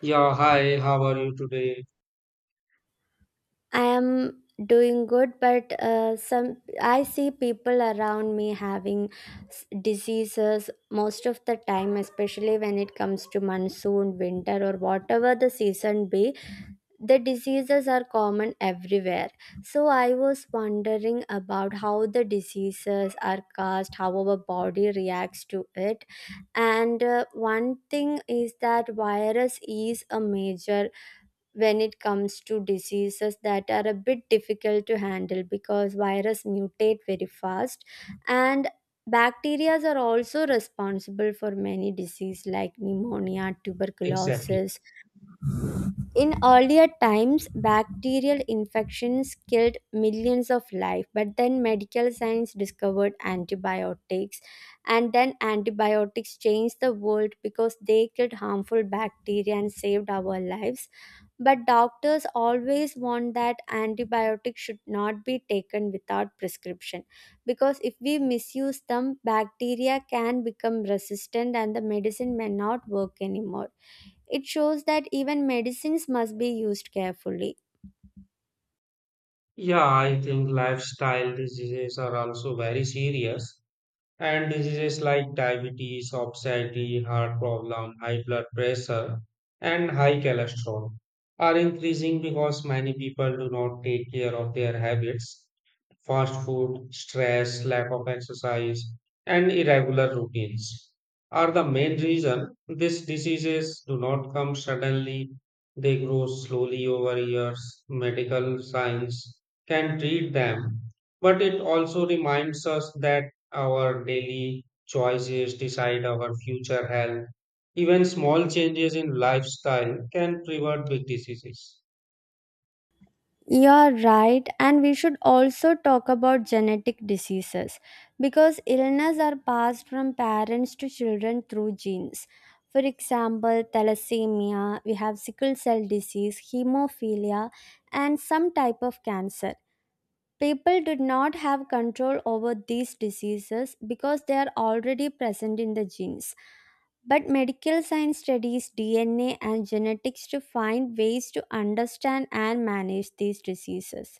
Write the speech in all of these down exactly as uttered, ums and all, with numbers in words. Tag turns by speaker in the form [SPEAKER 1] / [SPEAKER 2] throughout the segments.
[SPEAKER 1] Yeah, hi, how are you today?
[SPEAKER 2] I am doing good, but uh, some I see people around me having s- diseases most of the time, especially when it comes to monsoon, winter, or whatever the season be. The diseases are common everywhere. So I was wondering about how the diseases are caused, how our body reacts to it, and uh, one thing is that virus is a major when it comes to diseases that are a bit difficult to handle because virus mutate very fast and bacteria are also responsible for many diseases like pneumonia
[SPEAKER 1] Exactly.
[SPEAKER 2] tuberculosis. In earlier times bacterial infections killed millions of life, but then medical science discovered antibiotics, and then antibiotics changed the world because they killed harmful bacteria and saved our lives. But doctors always want that antibiotics should not be taken without prescription, because if we misuse them, bacteria can become resistant and the medicine may not work anymore. It shows that even medicines must be used carefully.
[SPEAKER 1] Yeah, I think lifestyle diseases are also very serious, and diseases like diabetes, obesity, heart problem, high blood pressure, and high cholesterol are increasing because many people do not take care of their habits. Fast food, stress, lack of exercise, and irregular routines are the main reason these diseases do not come suddenly. They grow slowly over years. Medical science can treat them, but it also reminds us that our daily choices decide our future health. Even small changes in lifestyle can prevent big diseases.
[SPEAKER 2] You are right, and we should also talk about genetic diseases because illness are passed from parents to children through genes. For example, thalassemia, we have sickle cell disease, hemophilia, and some type of cancer. People do not have control over these diseases because they are already present in the genes. But medical science studies D N A and genetics to find ways to understand and manage these diseases.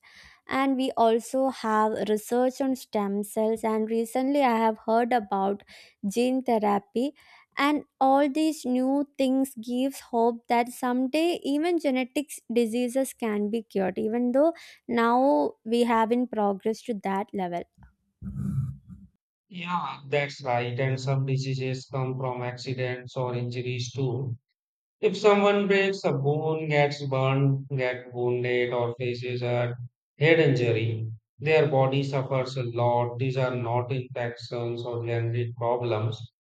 [SPEAKER 2] And we also have research on stem cells, and recently I have heard about gene therapy. And all these new things gives hope that someday even genetics diseases can be cured, even though now we have in progress to that level.
[SPEAKER 1] Yeah, that's right. And some diseases come from accidents or injuries too. If someone breaks a bone, gets burned, get wounded, or faces a head injury, their body suffers a lot. These are not infections or generic problems,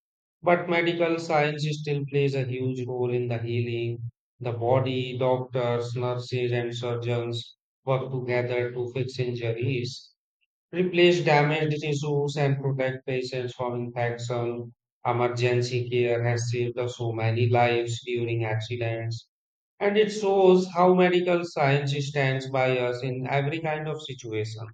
[SPEAKER 1] but medical science still plays a huge role in the healing. The body, doctors, nurses, and surgeons work together to fix injuries, replace damaged tissues, and protect patients from infection. Emergency care has saved us so many lives during accidents, and it shows how medical science stands by us in every kind of situation.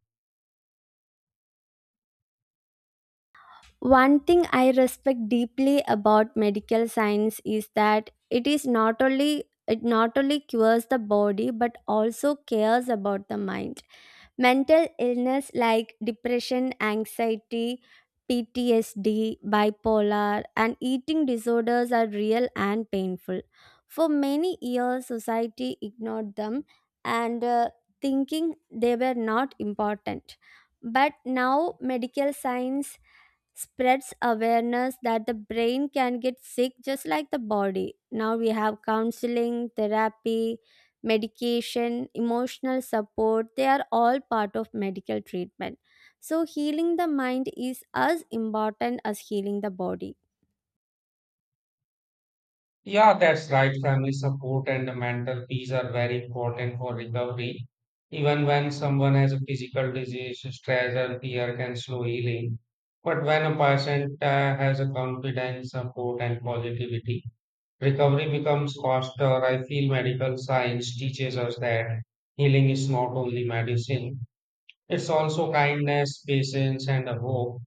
[SPEAKER 2] One thing I respect deeply about medical science is that it is not only it not only cures the body but also cares about the mind. Mental illness like depression, anxiety, P T S D, bipolar and eating disorders are real and painful. For many years society ignored them, and uh, thinking they were not important. But now medical science spreads awareness that the brain can get sick just like the body. Now we have counseling, therapy, medication, emotional support. They are all part of medical treatment. So healing the mind is as important as healing the body.
[SPEAKER 1] Yeah, that's right. Family support and the mental peace are very important for recovery. Even when someone has a physical disease, stress or fear can slow healing. But when a patient uh, has a confidence, support, and positivity, recovery becomes faster. I feel medical science teaches us that healing is not only medicine, it's also kindness, patience, and a hope.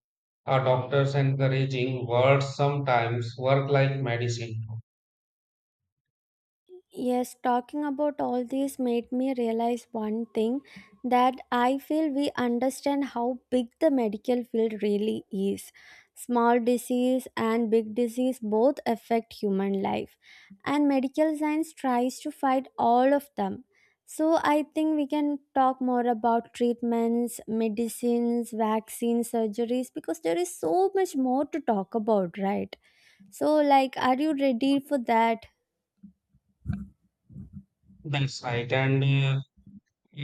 [SPEAKER 1] Our doctors' encouraging words sometimes work like medicine.
[SPEAKER 2] Yes, talking about all this made me realize one thing, that I feel we understand how big the medical field really is. Small disease and big disease both affect human life, and medical science tries to fight all of them. So, I think we can talk more about treatments, medicines, vaccines, surgeries because there is so much more to talk about, right? So, like, are you ready for that?
[SPEAKER 1] That's right. And uh,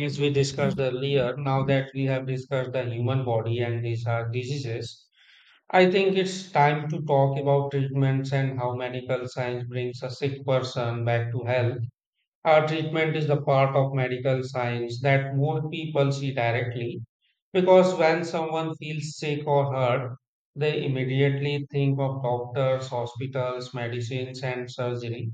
[SPEAKER 1] as we discussed earlier, now that we have discussed the human body and these are diseases, I think it's time to talk about treatments and how medical science brings a sick person back to health. Uh, treatment is the part of medical science that more people see directly. Because when someone feels sick or hurt, they immediately think of doctors, hospitals, medicines, and surgery.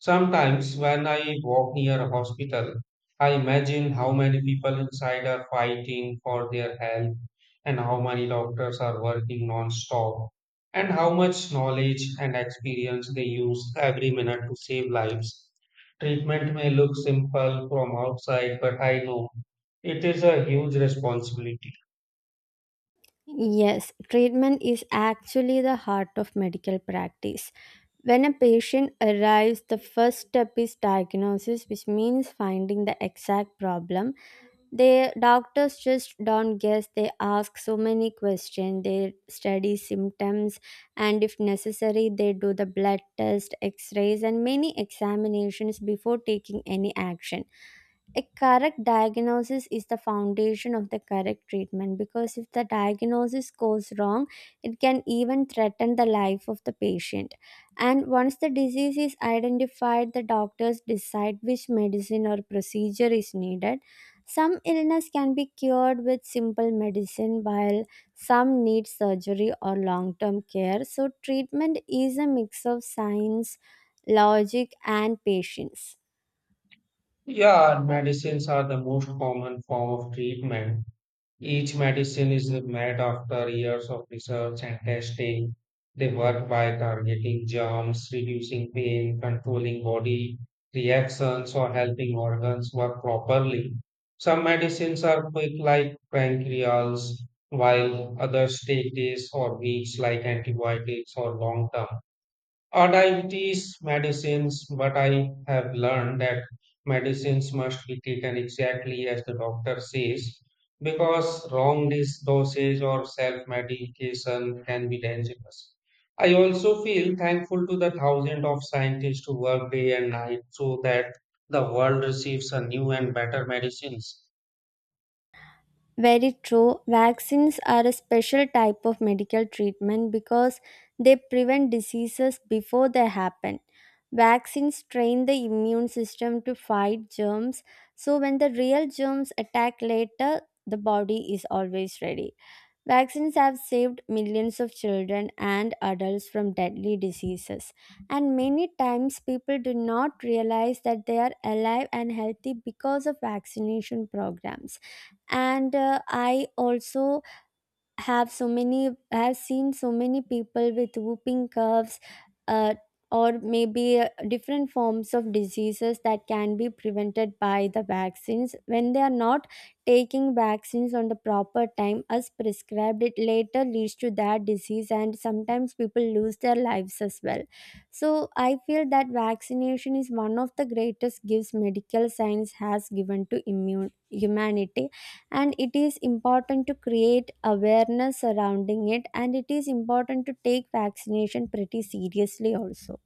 [SPEAKER 1] Sometimes, when I walk near a hospital, I imagine how many people inside are fighting for their health, and how many doctors are working non stop, and how much knowledge and experience they use every minute to save lives. Treatment may look simple from outside, but I know it is a huge responsibility.
[SPEAKER 2] Yes, treatment is actually the heart of medical practice. When a patient arrives, the first step is diagnosis, which means finding the exact problem. The doctors just don't guess, they ask so many questions, they study symptoms, and if necessary, they do the blood test, x rays, and many examinations before taking any action. A correct diagnosis is the foundation of the correct treatment, because if the diagnosis goes wrong it can even threaten the life of the patient. And once the disease is identified, the doctors decide which medicine or procedure is needed. Some illness can be cured with simple medicine, while some need surgery or long term care. So treatment is a mix of science, logic and patience.
[SPEAKER 1] Yeah, and medicines are the most common form of treatment. Each medicine is made after years of research and testing. They work by targeting germs, reducing pain, controlling body reactions, or helping organs work properly. Some medicines are quick, like pancreas, while others take days or weeks, like antibiotics or long term. Uh, diabetes medicines, but I have learned that medicines must be taken exactly as the doctor says because wrong dis- dosage or self medication can be dangerous. I also feel thankful to the thousands of scientists who work day and night so that the world receives a new and better medicines.
[SPEAKER 2] Very true. Vaccines are a special type of medical treatment because they prevent diseases before they happen. Vaccines train the immune system to fight germs, so when the real germs attack later, the body is always ready. Vaccines have saved millions of children and adults from deadly diseases, and many times people do not realize that they are alive and healthy because of vaccination programs. And uh, i also have so many, I have seen so many people with whooping coughs, uh, or maybe uh, different forms of diseases that can be prevented by the vaccines. When they are not taking vaccines on the proper time as prescribed, it later leads to that disease, and sometimes people lose their lives as well. So I feel that vaccination is one of the greatest gifts medical science has given to immune humanity, and it is important to create awareness surrounding it, and it is important to take vaccination pretty seriously also.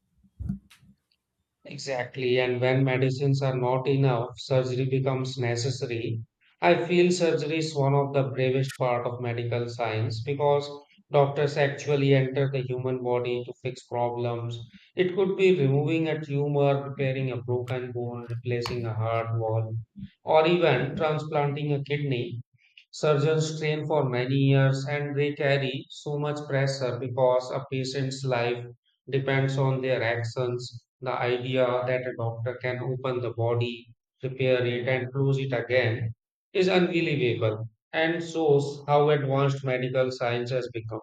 [SPEAKER 1] Exactly, and when medicines are not enough, surgery becomes necessary. I feel surgery is one of the bravest part of medical science because doctors actually enter the human body to fix problems. It could be removing a tumor, repairing a broken bone, replacing a heart wall, or even transplanting a kidney. Surgeons train for many years and they carry so much pressure because a patient's life depends on their actions. The idea that a doctor can open the body, repair it, and close it again is unbelievable and shows how advanced medical science has become.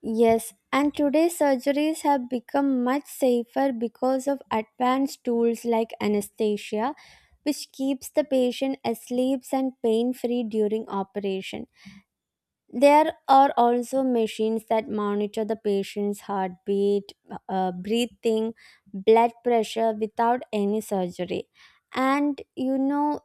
[SPEAKER 2] Yes, and today's surgeries have become much safer because of advanced tools like anesthesia, which keeps the patient asleep and pain free during operation. There are also machines that monitor the patient's heartbeat, uh, breathing, blood pressure without any surgery. And you know,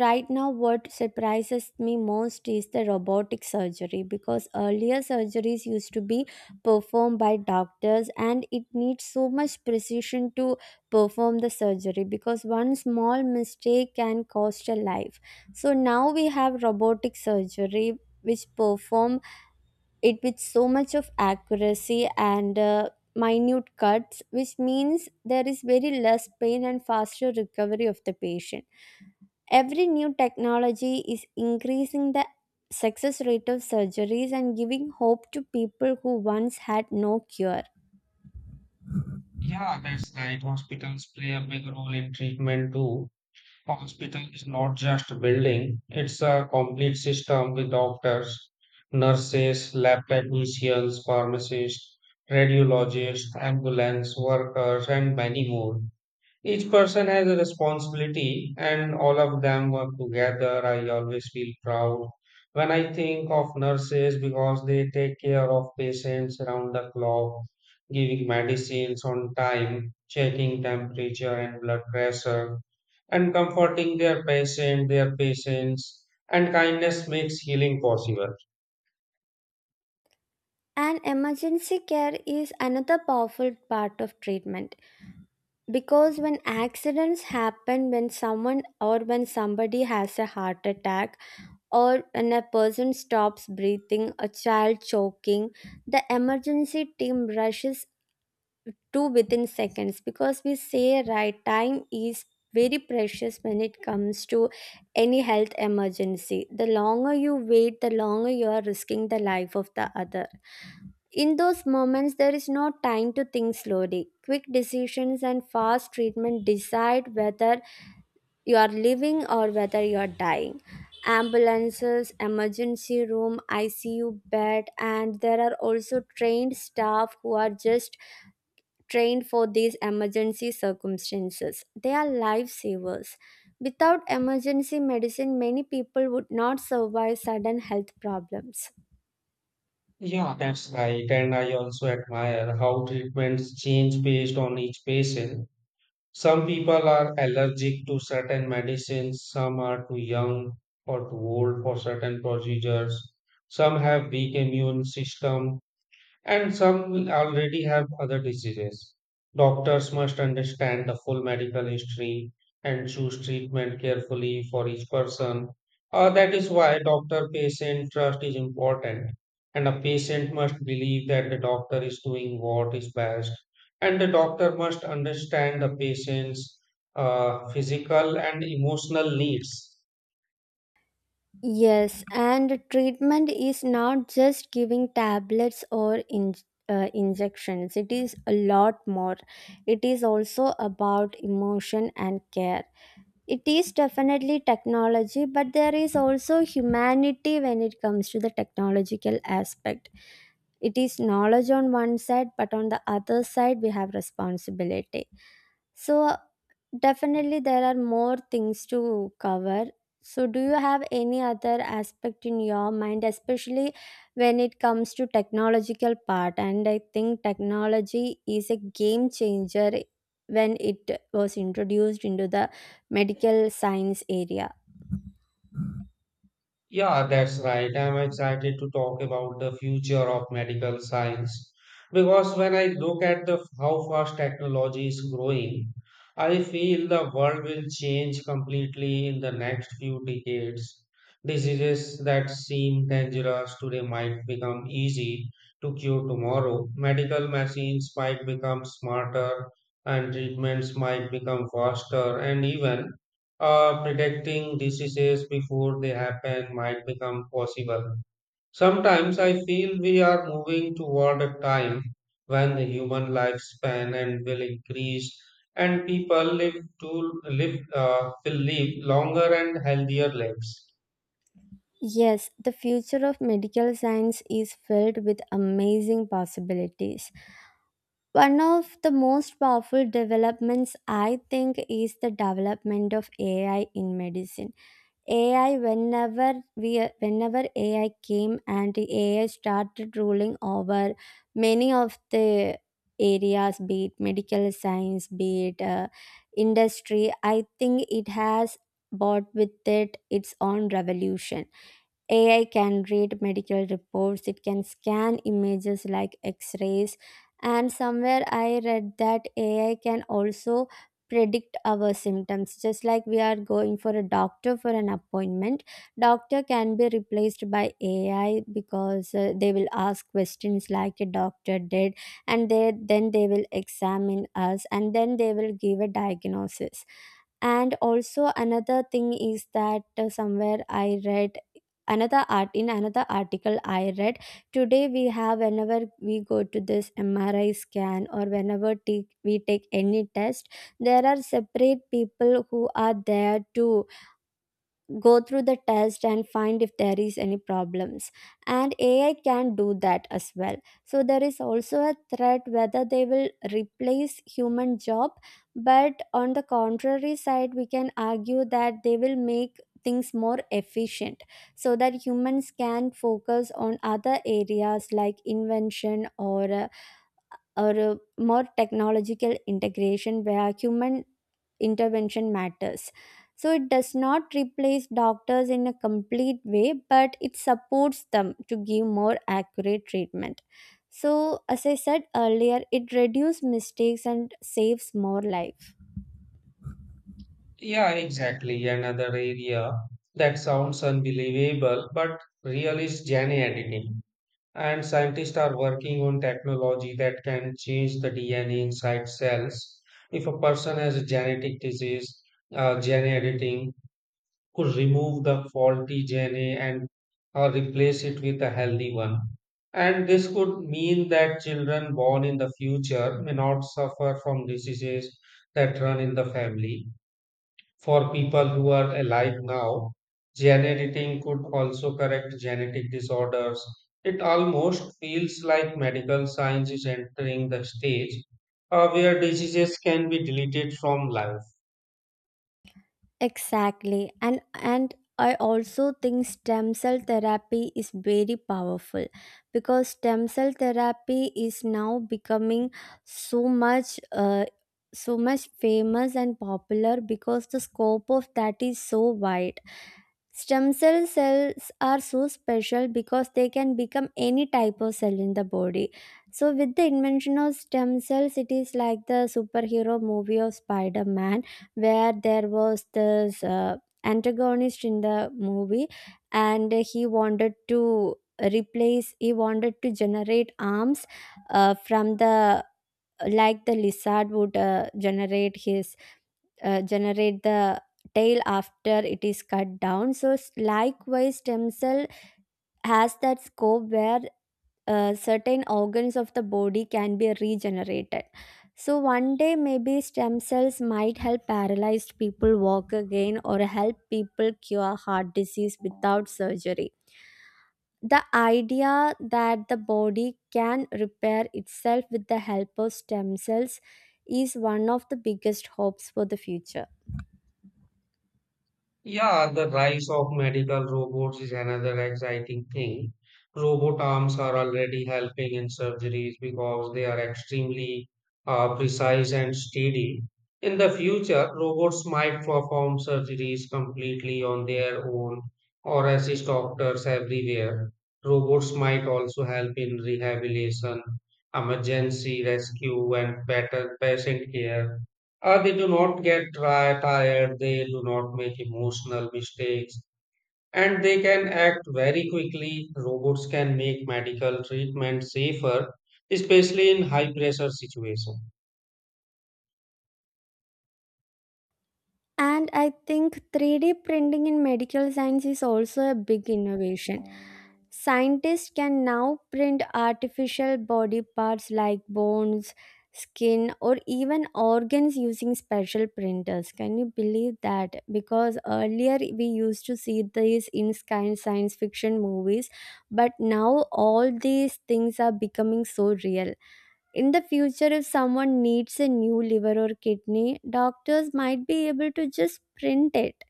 [SPEAKER 2] right now, what surprises me most is the robotic surgery, because earlier surgeries used to be performed by doctors and it needs so much precision to perform the surgery, because one small mistake can cost a life. So now we have robotic surgery which perform it with so much of accuracy and uh, minute cuts, which means there is very less pain and faster recovery of the patient. Every new technology is increasing the success rate of surgeries and giving hope to people who once had no cure.
[SPEAKER 1] Yeah, that's right. Hospitals play a big role in treatment too. Hospital is not just a building, it's a complete system with doctors, nurses, lab technicians, pharmacists, radiologists, ambulance workers, and many more. Each person has a responsibility, and all of them work together. I always feel proud when I think of nurses because they take care of patients around the clock, giving medicines on time, checking temperature and blood pressure, and comforting their patient, their patients, and kindness makes healing possible.
[SPEAKER 2] And emergency care is another powerful part of treatment, because when accidents happen, when someone or when somebody has a heart attack, or when a person stops breathing, a child choking, the emergency team rushes to within seconds, because we say right time is very precious when it comes to any health emergency. The longer you wait, the longer you are risking the life of the other. In those moments there is no time to think slowly. Quick decisions and fast treatment decide whether you are living or whether you are dying. Ambulances, emergency room, I C U bed, and there are also trained staff who are just trained for these emergency circumstances. They are lifesavers. Without emergency medicine, many people would not survive sudden health problems.
[SPEAKER 1] Yeah, that's right. And I also admire how treatments change based on each patient. Some people are allergic to certain medicines, some are too young or too old for certain procedures, some have weak immune system, and some will already have other diseases. Doctors must understand the full medical history and choose treatment carefully for each person. Uh, that is why doctor patient trust is important. And a patient must believe that the doctor is doing what is best. And the doctor must understand the patient's uh, physical and emotional needs.
[SPEAKER 2] Yes, and treatment is not just giving tablets or in, uh, injections. It is a lot more. It is also about emotion and care. It is definitely technology, but there is also humanity. When it comes to the technological aspect, it is knowledge on one side, but on the other side we have responsibility. So definitely there are more things to cover. So do you have any other aspect in your mind, especially when it comes to technological part? And I think technology is a game changer when it was introduced into the medical science area.
[SPEAKER 1] Yeah, that's right. I'm excited to talk about the future of medical science because when I look at the how fast technology is growing, I feel the world will change completely in the next few decades. Diseases that seem dangerous today might become easy to cure tomorrow. Medical machines might become smarter and treatments might become faster, and even uh, predicting diseases before they happen might become possible. Sometimes I feel we are moving toward a time when the human lifespan and will increase and people live to live uh, will live longer and healthier lives.
[SPEAKER 2] Yes, the future of medical science is filled with amazing possibilities. One of the most powerful developments, I think, is the development of A I in medicine. A I whenever we whenever A I came and the A I started ruling over many of the areas, be it medical science, be it uh, industry, I think it has brought with it its own revolution. A I can read medical reports, it can scan images like x rays, and somewhere I read that A I can also predict our symptoms. Just like we are going for a doctor for an appointment, doctor can be replaced by A I, because uh, they will ask questions like a doctor did, and they then they will examine us and then they will give a diagnosis. And also another thing is that, uh, somewhere I read, another art in another article I read, today we have, whenever we go to this M R I scan or whenever take, we take any test, there are separate people who are there to go through the test and find if there is any problems, and AI can do that as well. So there is also a threat whether they will replace human job, but on the contrary side we can argue that they will make things more efficient, so that humans can focus on other areas like invention, or uh, or uh, more technological integration where human intervention matters. So it does not replace doctors in a complete way, but it supports them to give more accurate treatment. So, as I said earlier, it reduces mistakes and saves more life.
[SPEAKER 1] Yeah, exactly. Another area that sounds unbelievable but real is gene editing. And scientists are working on technology that can change the D N A inside cells. If a person has a genetic disease, uh, gene editing could remove the faulty gene and uh, replace it with a healthy one. And this could mean that children born in the future may not suffer from diseases that run in the family. For people who are alive now, gene editing could also correct genetic disorders. It almost feels like medical science is entering the stage uh, where diseases can be deleted from life.
[SPEAKER 2] Exactly. And and I also think stem cell therapy is very powerful, because stem cell therapy is now becoming so much uh, so much famous and popular because the scope of that is so wide. Stem cell cells are so special because they can become any type of cell in the body. So, with the invention of stem cells, it is like the superhero movie of Spider Man, where there was this uh, antagonist in the movie, and he wanted to replace, he wanted to generate arms uh, from the, like the lizard would uh, generate his uh, generate the tail after it is cut down. So s- likewise stem cell has that scope where uh, certain organs of the body can be regenerated. So one day maybe stem cells might help paralyzed people walk again, or help people cure heart disease without surgery. The idea that the body can repair itself with the help of stem cells is one of the biggest hopes for the future.
[SPEAKER 1] Yeah, the rise of medical robots is another exciting thing. Robot arms are already helping in surgeries because they are extremely uh, precise and steady. In the future, robots might perform surgeries completely on their own or assist doctors everywhere. Robots might also help in rehabilitation, emergency rescue, and better patient care. Uh, they do not get tri- tired, they do not make emotional mistakes, and they can act very quickly. Robots can make medical treatment safer, especially in high pressure situations.
[SPEAKER 2] And I think three D printing in medical science is also a big innovation. Scientists can now print artificial body parts like bones, skin, or even organs using special printers. Can you believe that? Because earlier we used to see these in sci- science fiction movies, but now all these things are becoming so real. In the future, if someone needs a new liver or kidney, doctors might be able to just print it.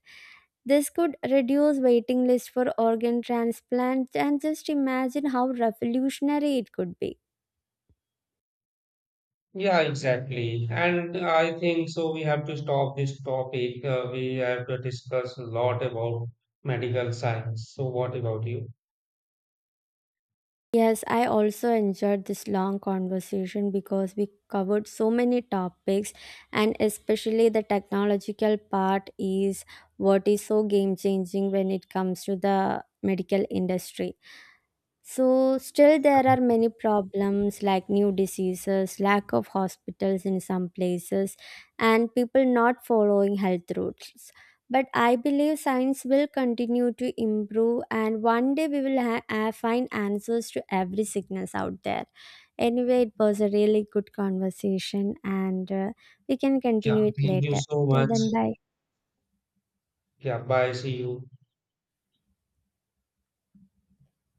[SPEAKER 2] This could reduce waiting lists for organ transplants, and just imagine how revolutionary it could be.
[SPEAKER 1] Yeah, exactly. And I think so. We have to stop this topic. Uh, we have to discuss a lot about medical science. So, what about you?
[SPEAKER 2] Yes, I also enjoyed this long conversation because we covered so many topics, and especially the technological part is what is so game changing when it comes to the medical industry. So still there are many problems like new diseases, lack of hospitals in some places, and people not following health rules. But I believe science will continue to improve, and one day we will ha- uh, find answers to every sickness out there. Anyway, it was a really good conversation, and uh, we can
[SPEAKER 1] Yeah,
[SPEAKER 2] continue it
[SPEAKER 1] thank you
[SPEAKER 2] later.
[SPEAKER 1] so
[SPEAKER 2] Till
[SPEAKER 1] much.
[SPEAKER 2] then, bye.
[SPEAKER 1] Yeah, bye. See you.